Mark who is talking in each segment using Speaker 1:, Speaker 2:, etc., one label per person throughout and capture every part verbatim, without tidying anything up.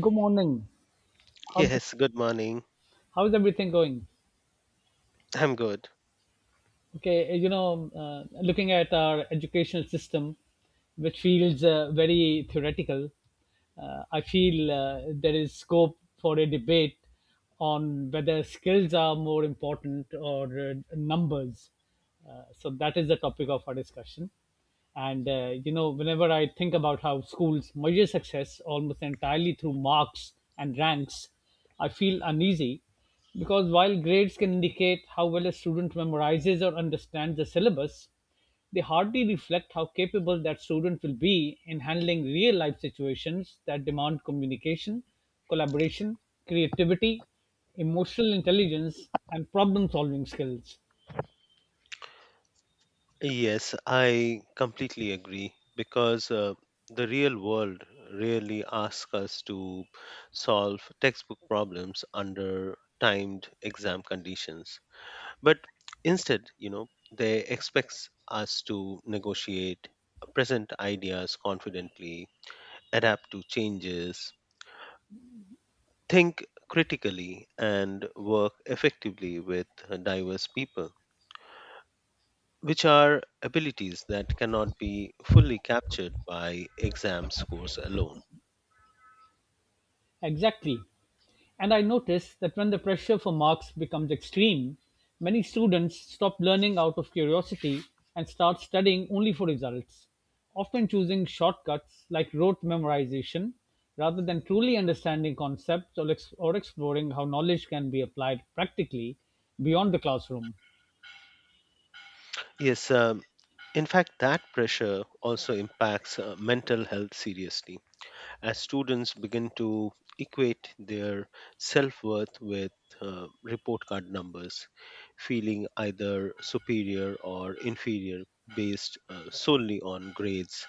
Speaker 1: Good morning. How the
Speaker 2: Yes, good morning.
Speaker 1: How's everything going?
Speaker 2: I'm good.
Speaker 1: Okay, eh, you know, uh, looking at our educational system, which feels uh, very theoretical, uh, I feel uh, there is scope for a debate on whether skills are more important or uh, numbers. Uh, so that is the topic of our discussion. And uh, you know, whenever I think about how schools measure success almost entirely through marks and ranks, I feel uneasy, because while grades can indicate how well a student memorizes or understands the syllabus, they hardly reflect how capable that student will be in handling real life situations that demand communication, collaboration, creativity, emotional intelligence, and problem solving skills.
Speaker 2: Yes, I completely agree because uh, the real world really asks us to solve textbook problems under timed exam conditions. But instead, you know, they expects us to negotiate present ideas confidently, adapt to changes, think critically and work effectively with diverse people which are abilities that cannot be fully captured by exam scores alone.
Speaker 1: Exactly. And I notice that when the pressure for marks becomes extreme, many students stop learning out of curiosity and start studying only for results, often choosing shortcuts like rote memorization rather than truly understanding concepts or, ex- or exploring how knowledge can be applied practically beyond the classroom.
Speaker 2: Yes, um, in fact, that pressure also impacts uh, mental health seriously. As students begin to equate their self worth with uh, report card numbers, feeling either superior or inferior based uh, solely on grades.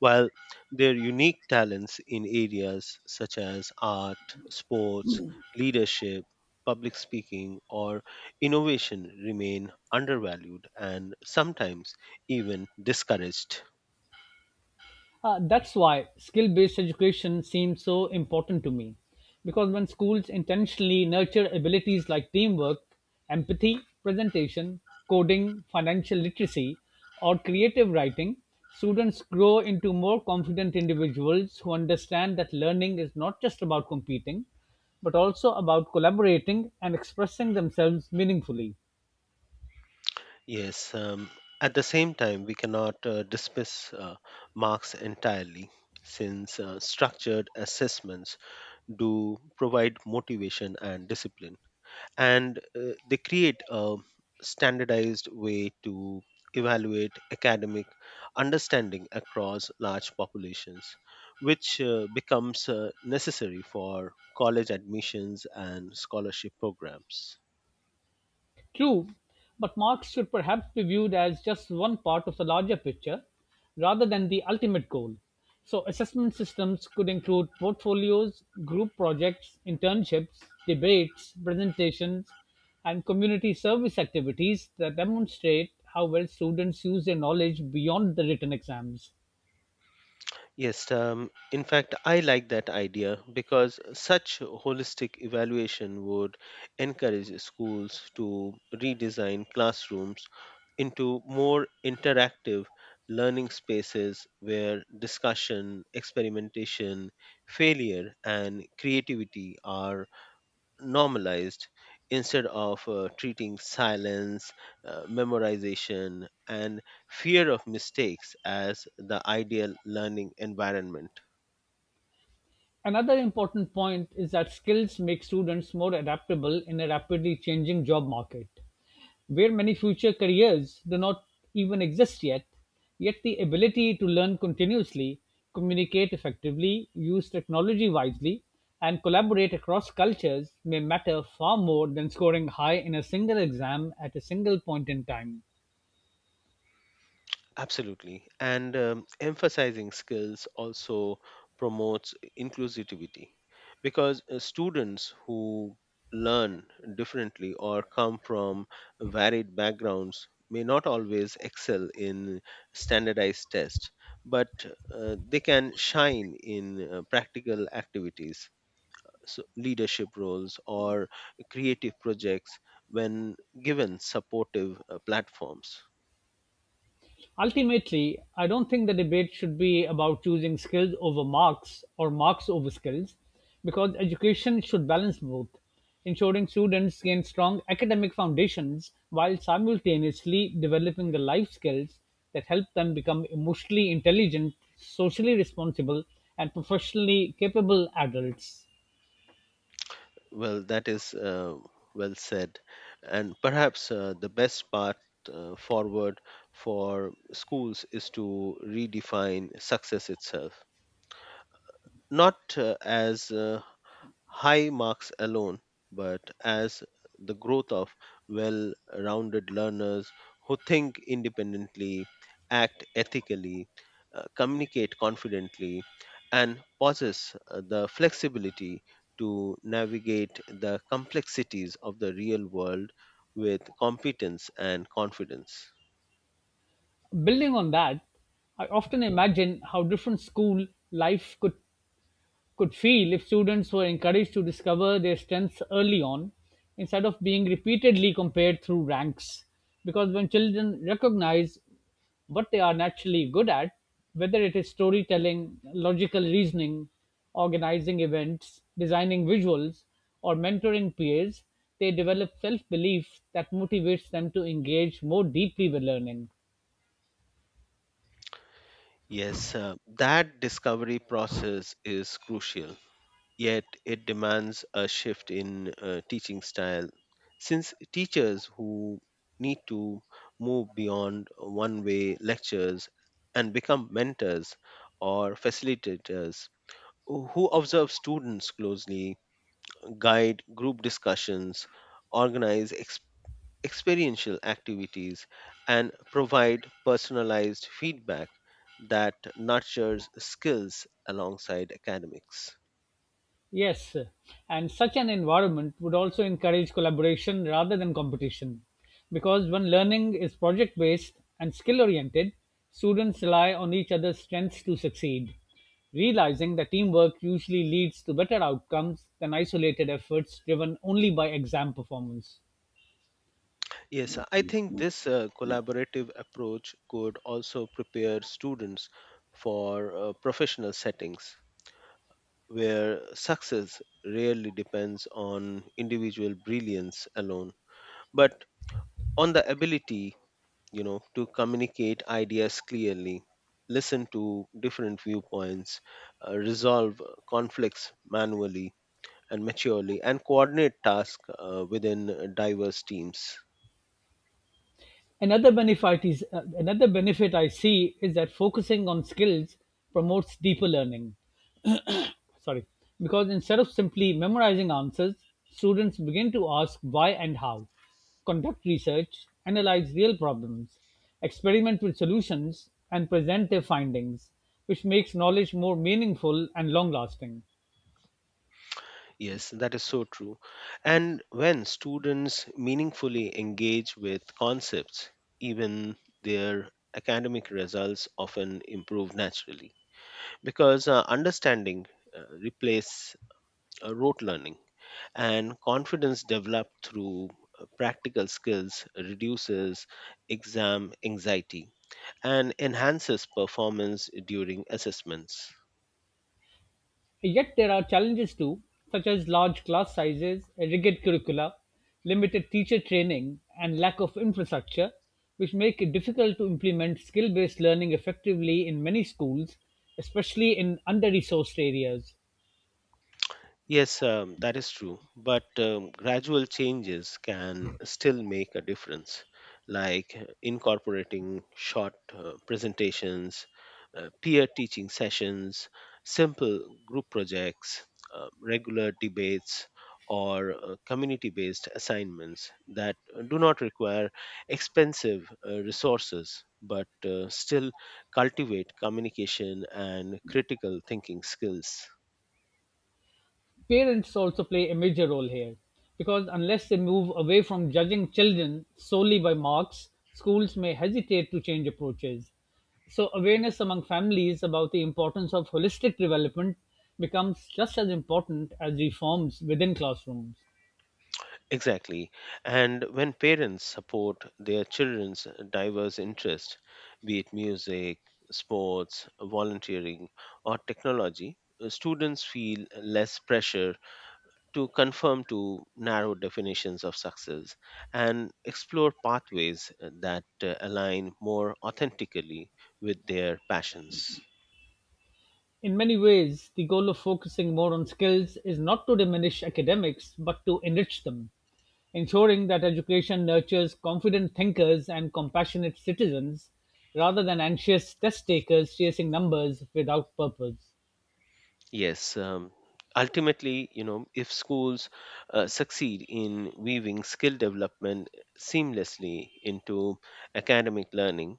Speaker 2: While their unique talents in areas such as art, sports, leadership, public speaking, or innovation remain undervalued and sometimes even discouraged.
Speaker 1: Uh, that's why skill based education seems so important to me, because when schools intentionally nurture abilities like teamwork, empathy, presentation, coding, financial literacy, or creative writing, students grow into more confident individuals who understand that learning is not just about competing, but also about collaborating and expressing themselves meaningfully.
Speaker 2: Yes, um, at the same time, we cannot uh, dismiss uh, marks entirely since uh, structured assessments do provide motivation and discipline, and uh, they create a standardized way to evaluate academic understanding across large populations, which uh, becomes uh, necessary for college admissions and scholarship programs.
Speaker 1: True, but marks should perhaps be viewed as just one part of the larger picture rather than the ultimate goal. So, assessment systems could include portfolios, group projects, internships, debates, presentations, and community service activities that demonstrate how well students use their knowledge beyond the written exams.
Speaker 2: Yes, um, in fact, I like that idea because such holistic evaluation would encourage schools to redesign classrooms into more interactive learning spaces where discussion, experimentation, failure, and creativity are normalized instead of uh, treating silence, uh, memorization, and fear of mistakes as the ideal learning environment.
Speaker 1: Another important point is that skills make students more adaptable in a rapidly changing job market, where many future careers do not even exist yet. Yet, the ability to learn continuously, communicate effectively, use technology wisely, and collaborate across cultures may matter far more than scoring high in a single exam at a single point in time.
Speaker 2: Absolutely. And um, emphasizing skills also promotes inclusivity because uh, students who learn differently or come from varied backgrounds may not always excel in standardized tests, but uh, they can shine in uh, practical activities, so leadership roles, or creative projects when given supportive uh, platforms.
Speaker 1: Ultimately, I don't think the debate should be about choosing skills over marks or marks over skills, because education should balance both, ensuring students gain strong academic foundations while simultaneously developing the life skills that help them become emotionally intelligent, socially responsible, and professionally capable adults.
Speaker 2: Well, that is uh, well said. And perhaps uh, the best path uh, forward for schools is to redefine success itself, not uh, as uh, high marks alone, but as the growth of well rounded learners who think independently, act ethically, uh, communicate confidently, and possess uh, the flexibility to navigate the complexities of the real world with competence and confidence.
Speaker 1: Building on that, I often imagine how different school life could could feel if students were encouraged to discover their strengths early on instead of being repeatedly compared through ranks. Because when children recognize what they are naturally good at, whether it is storytelling, logical reasoning, organizing events, designing visuals, or mentoring peers, they develop self belief that motivates them to engage more deeply with learning.
Speaker 2: Yes, uh, that discovery process is crucial yet it demands a shift in uh, teaching style since teachers who need to move beyond one way lectures and become mentors or facilitators who who observe students closely, guide group discussions, organize ex- experiential activities, and provide personalized feedback that nurtures skills alongside academics.
Speaker 1: Yes, and such an environment would also encourage collaboration rather than competition. Because when learning is project based and skill oriented, students rely on each other's strengths to succeed, realizing that teamwork usually leads to better outcomes than isolated efforts driven only by exam performance.
Speaker 2: Yes, I think this uh, collaborative approach could also prepare students for uh, professional settings where success rarely depends on individual brilliance alone, but on the ability, you know, to communicate ideas clearly, listen to different viewpoints, uh, resolve conflicts manually and maturely, and coordinate tasks uh, within diverse teams.
Speaker 1: Another benefit is uh, another benefit I see is that focusing on skills promotes deeper learning, sorry, because instead of simply memorizing answers, students begin to ask why and how, conduct research, analyze real problems, experiment with solutions, and present their findings, which makes knowledge more meaningful and long lasting.
Speaker 2: Yes, that is so true. And when students meaningfully engage with concepts, even their academic results often improve naturally because uh, understanding uh, replace uh, rote learning and confidence developed through uh, practical skills reduces exam anxiety and enhances performance during assessments.
Speaker 1: Yet there are challenges too, such as large class sizes, rigid curricula, limited teacher training, and lack of infrastructure, which make it difficult to implement skill based learning effectively in many schools, especially in under resourced areas.
Speaker 2: Yes, um, that is true. But um, gradual changes can still make a difference, like uh, incorporating short uh, presentations, uh, peer teaching sessions, simple group projects, uh, regular debates, or uh, community based assignments that do not require expensive uh, resources but uh, still cultivate communication and critical thinking skills.
Speaker 1: Parents also play a major role here, because unless they move away from judging children solely by marks, schools may hesitate to change approaches. So, awareness among families about the importance of holistic development becomes just as important as reforms within classrooms.
Speaker 2: Exactly. And when parents support their children's diverse interests, be it music, sports, volunteering, or technology, uh, students feel less pressure to conform to narrow definitions of success and explore pathways uh, that uh, align more authentically with their passions.
Speaker 1: In many ways, the goal of focusing more on skills is not to diminish academics, but to enrich them, ensuring that education nurtures confident thinkers and compassionate citizens rather than anxious test takers chasing numbers without purpose.
Speaker 2: Yes, um, ultimately, you know, if schools uh, succeed in weaving skill development seamlessly into academic learning,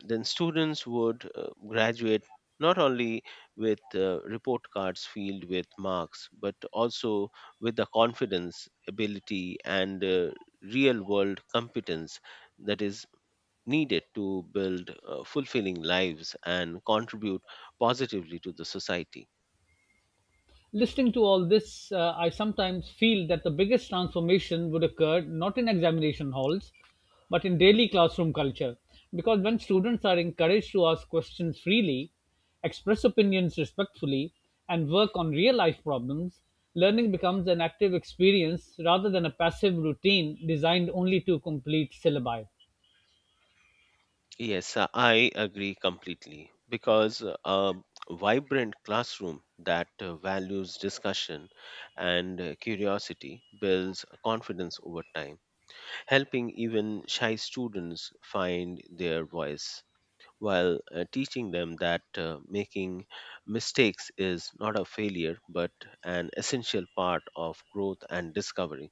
Speaker 2: then students would uh, graduate not only with uh, report cards filled with marks, but also with the confidence, ability, and uh, real world competence that is needed to build uh, fulfilling lives and contribute positively to the society.
Speaker 1: Listening to all this, uh, I sometimes feel that the biggest transformation would occur not in examination halls, but in daily classroom culture. Because when students are encouraged to ask questions freely, express opinions respectfully, and work on real life problems, learning becomes an active experience rather than a passive routine designed only to complete syllabi.
Speaker 2: Yes, uh, I agree completely because uh, a vibrant classroom that uh, values discussion and uh, curiosity builds confidence over time, helping even shy students find their voice while uh, teaching them that uh, making mistakes is not a failure but an essential part of growth and discovery.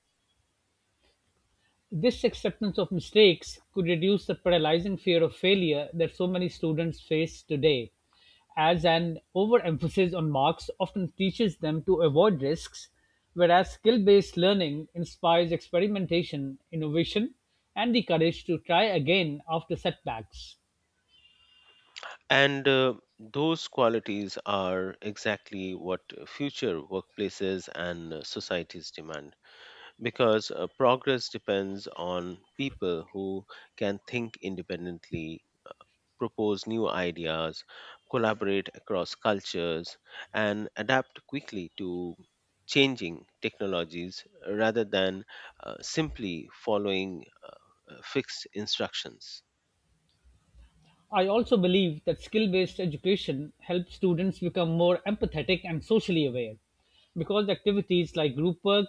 Speaker 1: This acceptance of mistakes could reduce the paralyzing fear of failure that so many students face today, as an overemphasis on marks often teaches them to avoid risks, whereas skill based learning inspires experimentation, innovation, and the courage to try again after setbacks.
Speaker 2: And uh, those qualities are exactly what future workplaces and uh, societies demand because uh, progress depends on people who can think independently, propose new ideas, collaborate across cultures, and adapt quickly to changing technologies rather than uh, simply following uh, uh, fixed instructions.
Speaker 1: I also believe that skill based education helps students become more empathetic and socially aware, because activities like group work,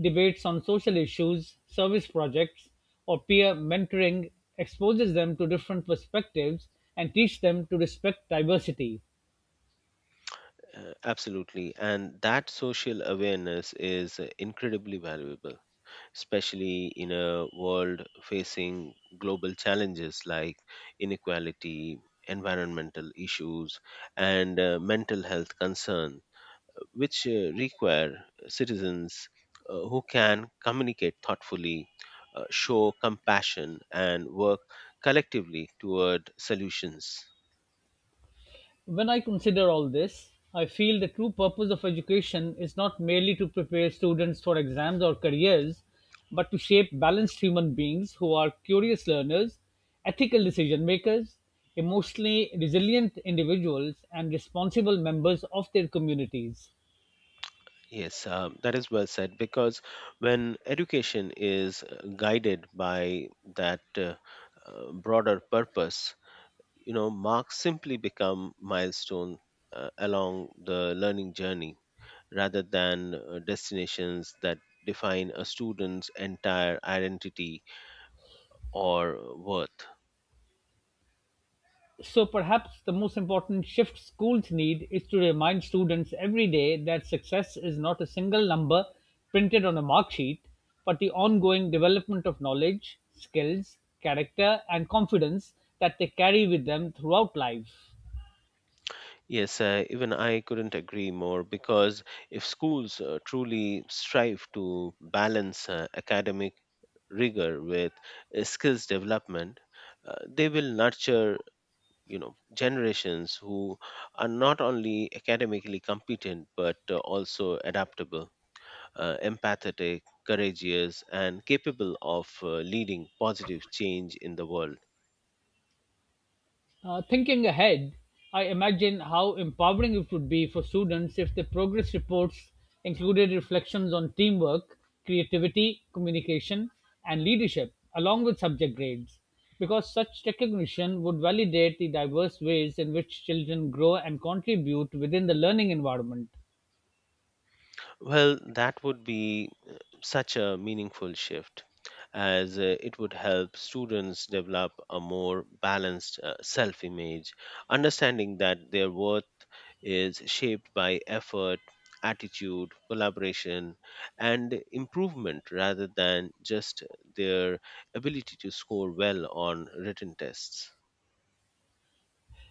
Speaker 1: debates on social issues, service projects, or peer mentoring exposes them to different perspectives and teach them to respect diversity.
Speaker 2: Uh, absolutely. And that social awareness is uh, incredibly valuable, especially in a world facing global challenges like inequality, environmental issues, and uh, mental health concerns, which uh, require citizens uh, who can communicate thoughtfully, uh, show compassion, and work collectively toward solutions.
Speaker 1: When I consider all this, I feel the true purpose of education is not merely to prepare students for exams or careers, but to shape balanced human beings who are curious learners, ethical decision makers, emotionally resilient individuals, and responsible members of their communities.
Speaker 2: Yes, um, that is well said because when education is uh, guided by that uh, uh, broader purpose, you know, marks simply become milestone uh, along the learning journey rather than uh, destinations that define a student's entire identity or worth.
Speaker 1: So perhaps the most important shift schools need is to remind students every day that success is not a single number printed on a mark sheet, but the ongoing development of knowledge, skills, character, and confidence that they carry with them throughout life.
Speaker 2: Yes, uh, even I couldn't agree more because if schools uh, truly strive to balance uh, academic rigor with uh, skills development, uh, they will nurture you know generations who are not only academically competent but uh, also adaptable, uh, empathetic, courageous, and capable of uh, leading positive change in the world.
Speaker 1: Uh, thinking ahead, I imagine how empowering it would be for students if the progress reports included reflections on teamwork, creativity, communication, and leadership, along with subject grades, because such recognition would validate the diverse ways in which children grow and contribute within the learning environment.
Speaker 2: Well, that would be uh, such a meaningful shift as uh, it would help students develop a more balanced uh, self image, understanding that their worth is shaped by effort, attitude, collaboration, and improvement rather than just their ability to score well on written tests.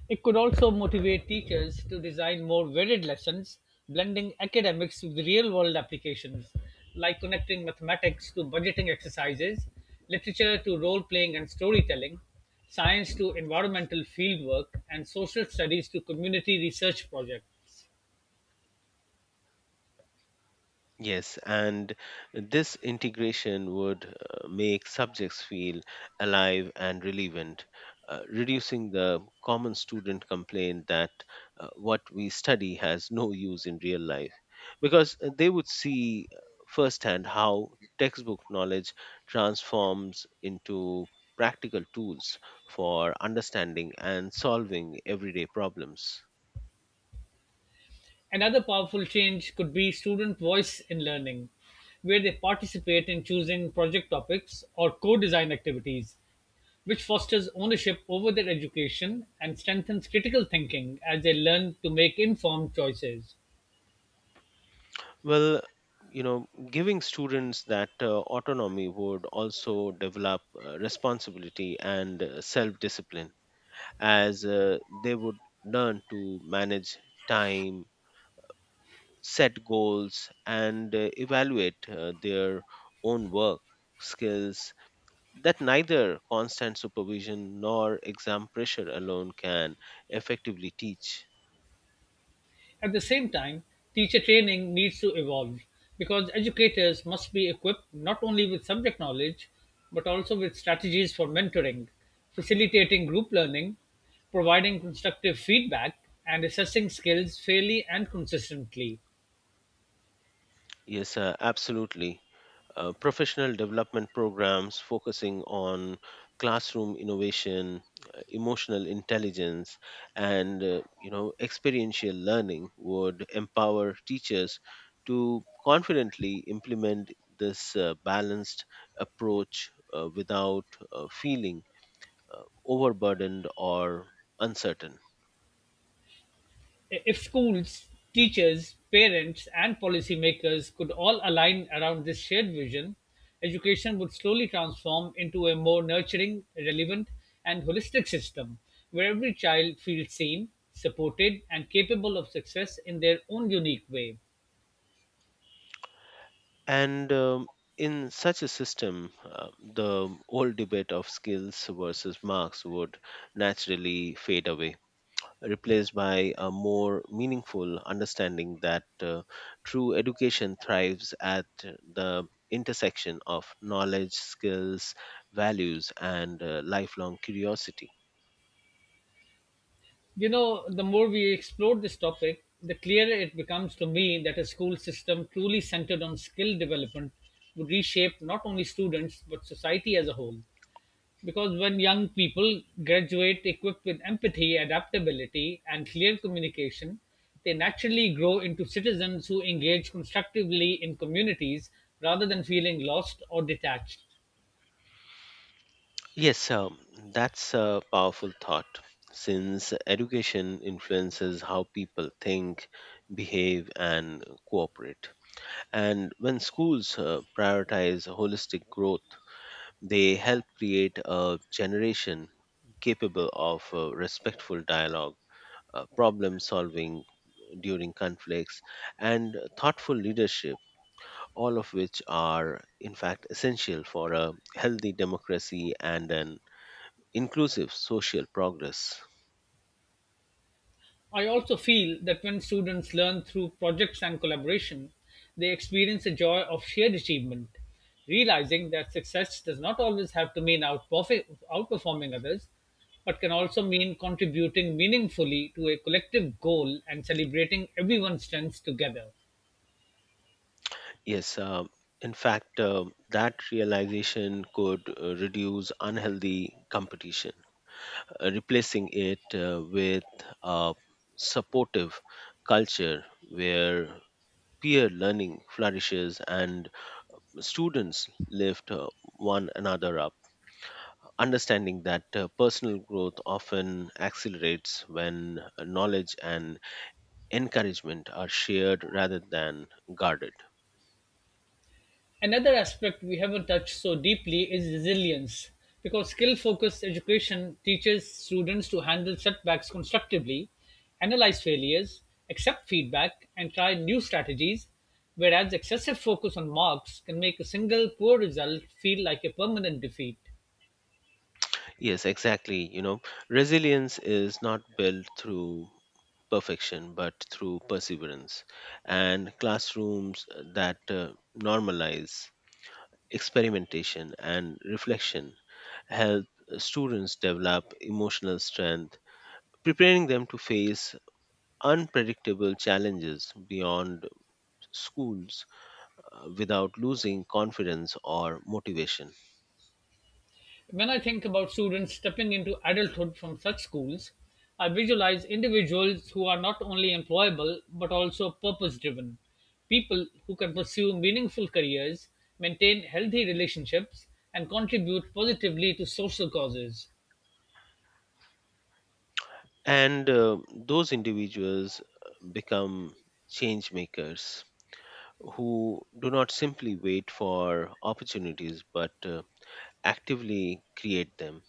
Speaker 1: It could also motivate teachers to design more varied lessons, blending academics with real world applications, like connecting mathematics to budgeting exercises, literature to role playing and storytelling, science to environmental fieldwork, and social studies to community research projects.
Speaker 2: Yes, and this integration would uh, make subjects feel alive and relevant, uh, reducing the common student complaint that uh, what we study has no use in real life, because uh, they would see uh, firsthand how textbook knowledge transforms into practical tools for understanding and solving everyday problems.
Speaker 1: Another powerful change could be student voice in learning, where they participate in choosing project topics or co design activities, which fosters ownership over their education and strengthens critical thinking as they learn to make informed choices.
Speaker 2: Well, you know, Giving students that uh, autonomy would also develop uh, responsibility and uh, self discipline as uh, they would learn to manage time, set goals, and uh, evaluate uh, their own work skills that neither constant supervision nor exam pressure alone can effectively teach.
Speaker 1: At the same time, teacher training needs to evolve because educators must be equipped not only with subject knowledge but also with strategies for mentoring, facilitating group learning, providing constructive feedback, and assessing skills fairly and consistently.
Speaker 2: Yes, uh, absolutely, uh, professional development programs focusing on classroom innovation, uh, emotional intelligence, and uh, you know experiential learning would empower teachers to confidently implement this uh, balanced approach uh, without uh, feeling uh, overburdened or uncertain.
Speaker 1: If schools, teachers, parents, and policymakers could all align around this shared vision, education would slowly transform into a more nurturing, relevant, and holistic system where every child feels seen, supported, and capable of success in their own unique way.
Speaker 2: And um, in such a system, uh, the old debate of skills versus marks would naturally fade away, replaced by a more meaningful understanding that uh, true education thrives at the intersection of knowledge, skills, values, and uh, lifelong curiosity.
Speaker 1: You know, the more we explore this topic, the clearer it becomes to me that a school system truly centered on skill development would reshape not only students but society as a whole. Because when young people graduate equipped with empathy, adaptability, and clear communication, they naturally grow into citizens who engage constructively in communities rather than feeling lost or detached.
Speaker 2: Yes, um, that's a powerful thought since education influences how people think, behave, and cooperate. And when schools uh, prioritize holistic growth, they help create a generation capable of uh, respectful dialogue, uh, problem solving during conflicts, and thoughtful leadership, all of which are, in fact, essential for a healthy democracy and an inclusive social progress.
Speaker 1: I also feel that when students learn through projects and collaboration, they experience the joy of shared achievement, realizing that success does not always have to mean outperfe- outperforming others, but can also mean contributing meaningfully to a collective goal and celebrating everyone's strengths together.
Speaker 2: Yes, um, in fact, um that realization could uh, reduce unhealthy competition, uh, replacing it uh, with a supportive culture where peer learning flourishes and students lift uh, one another up. Understanding that uh, personal growth often accelerates when uh, knowledge and encouragement are shared rather than guarded.
Speaker 1: Another aspect we haven't touched so deeply is resilience, because skill focused education teaches students to handle setbacks constructively, analyze failures, accept feedback, and try new strategies, whereas excessive focus on marks can make a single poor result feel like a permanent defeat.
Speaker 2: Yes, exactly. You know, resilience is not built through perfection, but through perseverance. And classrooms that uh, normalize experimentation and reflection help students develop emotional strength, preparing them to face unpredictable challenges beyond schools uh, without losing confidence or motivation.
Speaker 1: When I think about students stepping into adulthood from such schools, I visualize individuals who are not only employable but also purpose driven, people who can pursue meaningful careers, maintain healthy relationships, and contribute positively to social causes.
Speaker 2: And uh, those individuals uh, become change makers who do not simply wait for opportunities but uh, actively create them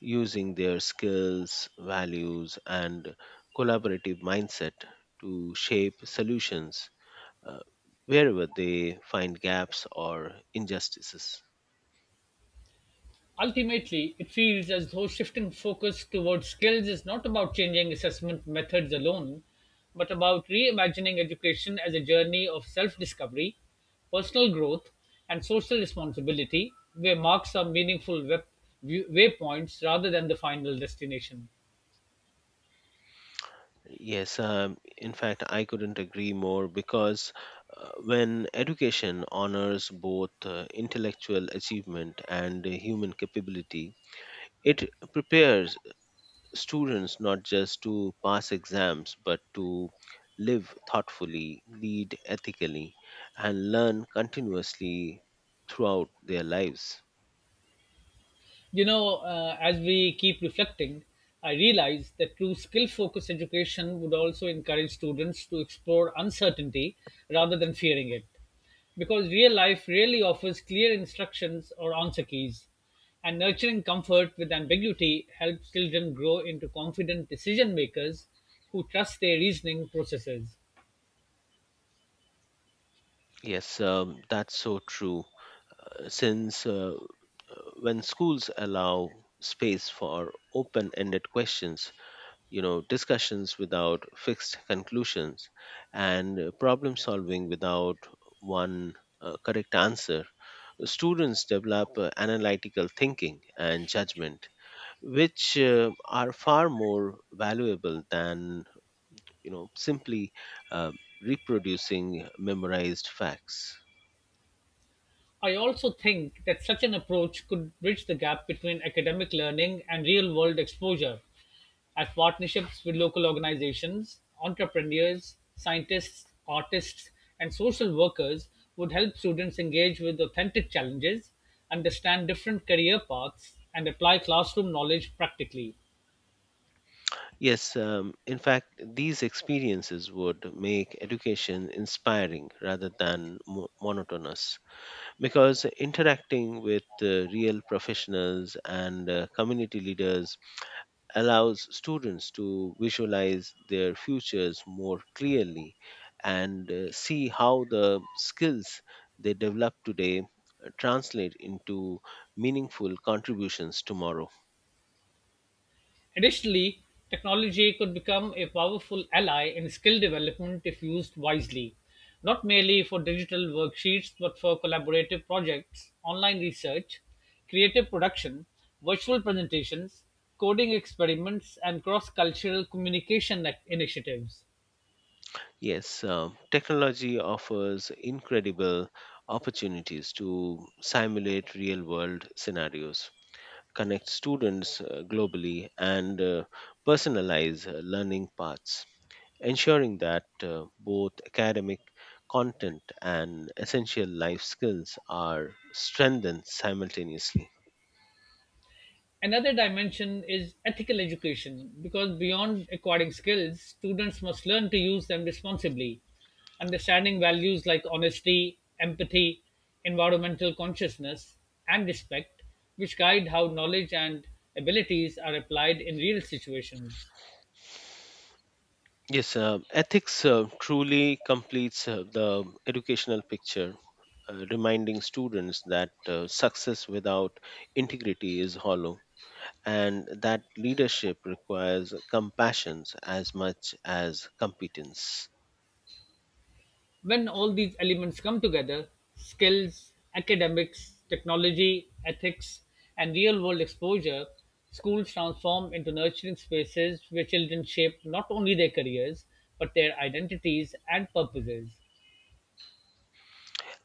Speaker 2: using their skills, values, and collaborative mindset to shape solutions uh, wherever they find gaps or injustices.
Speaker 1: Ultimately, it feels as though shifting focus towards skills is not about changing assessment methods alone, but about reimagining education as a journey of self discovery, personal growth, and social responsibility, where marks are meaningful wep- view- waypoints rather than the final destination.
Speaker 2: Yes, um, in fact, I couldn't agree more because uh, when education honors both uh, intellectual achievement and uh, human capability, it prepares students not just to pass exams but to live thoughtfully, lead ethically, and learn continuously throughout their lives.
Speaker 1: You know, uh, as we keep reflecting, I realize that true skill focused education would also encourage students to explore uncertainty rather than fearing it. Because real life rarely offers clear instructions or answer keys, and nurturing comfort with ambiguity helps children grow into confident decision makers who trust their reasoning processes.
Speaker 2: Yes, um, that's so true, since uh, uh, when schools allow space for open ended questions, you know, discussions without fixed conclusions, and uh, problem solving without one uh, correct answer, students develop uh, analytical thinking and judgment, which uh, are far more valuable than, you know, simply uh, reproducing memorized facts.
Speaker 1: I also think that such an approach could bridge the gap between academic learning and real world exposure, as partnerships with local organizations, entrepreneurs, scientists, artists, and social workers would help students engage with authentic challenges, understand different career paths, and apply classroom knowledge practically.
Speaker 2: Yes, um, in fact, these experiences would make education inspiring rather than mo- monotonous because interacting with uh, real professionals and uh, community leaders allows students to visualize their futures more clearly and uh, see how the skills they develop today uh, translate into meaningful contributions tomorrow.
Speaker 1: Additionally, technology could become a powerful ally in skill development if used wisely, not merely for digital worksheets but for collaborative projects, online research, creative production, virtual presentations, coding experiments, and cross cultural communication ac- initiatives.
Speaker 2: Yes, uh, technology offers incredible opportunities to simulate real world scenarios, connect students uh, globally, and uh, personalize uh, learning paths, ensuring that uh, both academic content and essential life skills are strengthened simultaneously.
Speaker 1: Another dimension is ethical education, because beyond acquiring skills, students must learn to use them responsibly, understanding values like honesty, empathy, environmental consciousness, and respect, which guide how knowledge and abilities are applied in real situations.
Speaker 2: Yes, uh, ethics uh, truly completes uh, the educational picture, uh, reminding students that uh, success without integrity is hollow and that leadership requires compassion as much as competence.
Speaker 1: When all these elements come together skills, academics, technology, ethics, and real world exposure schools transform into nurturing spaces where children shape not only their careers but their identities and purposes.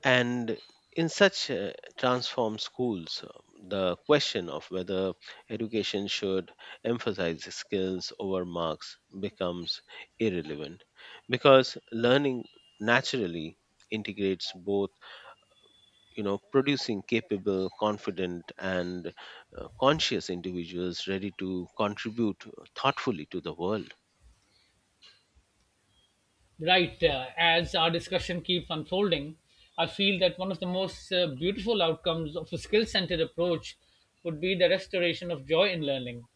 Speaker 2: And in such uh, transformed schools, uh, the question of whether education should emphasize skills over marks becomes irrelevant because learning naturally integrates both, you know producing capable, confident, and uh, conscious individuals ready to contribute thoughtfully to the world.
Speaker 1: Right. Uh, as our discussion keeps unfolding, I feel that one of the most uh, beautiful outcomes of a skill centered approach would be the restoration of joy in learning.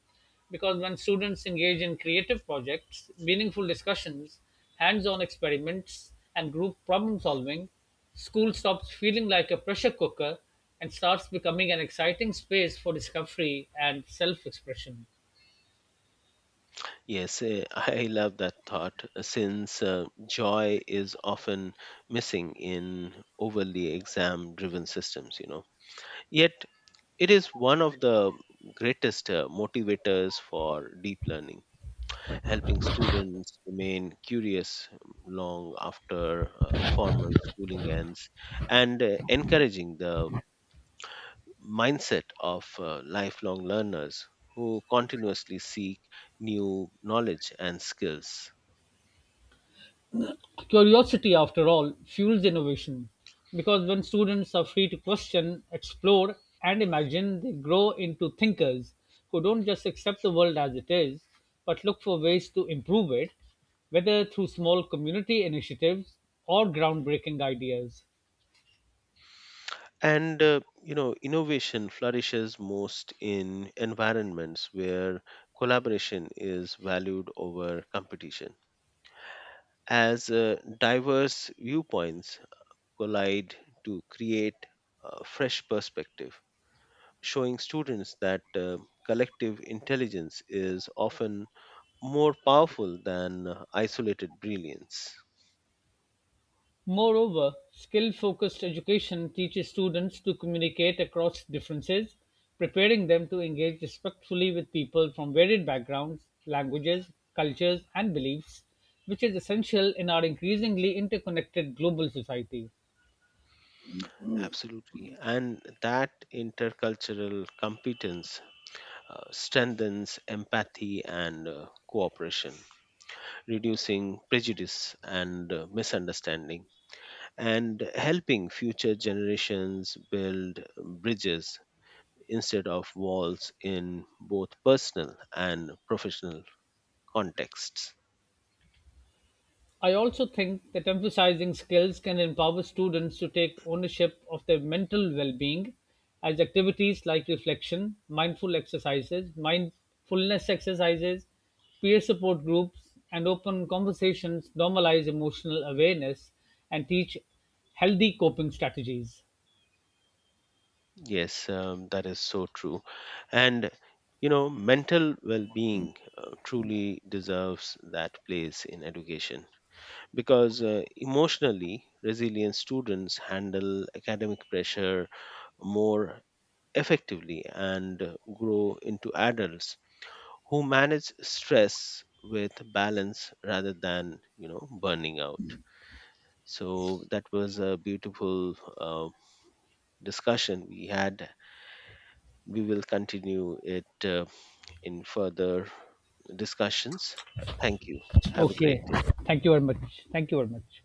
Speaker 1: Because when students engage in creative projects, meaningful discussions, hands on experiments, and group problem solving, school stops feeling like a pressure cooker and starts becoming an exciting space for discovery and self expression.
Speaker 2: Yes, eh, I love that thought uh, since uh, joy is often missing in overly exam driven systems, you know. Yet, it is one of the greatest uh, motivators for deep learning, helping students remain curious long after uh, formal schooling ends and uh, encouraging the mindset of uh, lifelong learners who continuously seek new knowledge and skills.
Speaker 1: Curiosity, after all, fuels innovation because when students are free to question, explore, and imagine, they grow into thinkers who don't just accept the world as it is but look for ways to improve it, whether through small community initiatives or groundbreaking ideas.
Speaker 2: And uh, you know, innovation flourishes most in environments where collaboration is valued over competition. As uh, diverse viewpoints collide to create a fresh perspective, showing students that uh, collective intelligence is often more powerful than uh, isolated brilliance.
Speaker 1: Moreover, skill-focused education teaches students to communicate across differences, preparing them to engage respectfully with people from varied backgrounds, languages, cultures, and beliefs, which is essential in our increasingly interconnected global society.
Speaker 2: Absolutely. And that intercultural competence uh, strengthens empathy and uh, cooperation, reducing prejudice and uh, misunderstanding, and helping future generations build bridges instead of walls in both personal and professional contexts.
Speaker 1: I also think that emphasizing skills can empower students to take ownership of their mental well being, as activities like reflection, mindful exercises, mindfulness exercises, peer support groups, and open conversations normalize emotional awareness and teach healthy coping strategies.
Speaker 2: Yes, um, that is so true. And you know, mental well being uh, truly deserves that place in education because uh, emotionally resilient students handle academic pressure more effectively and uh, grow into adults who manage stress with balance rather than you know burning out. So that was a beautiful uh, discussion we had. We will continue it uh, in further discussions. Thank you. Have a great
Speaker 1: Okay.
Speaker 2: day.
Speaker 1: Thank you very much. Thank you very much.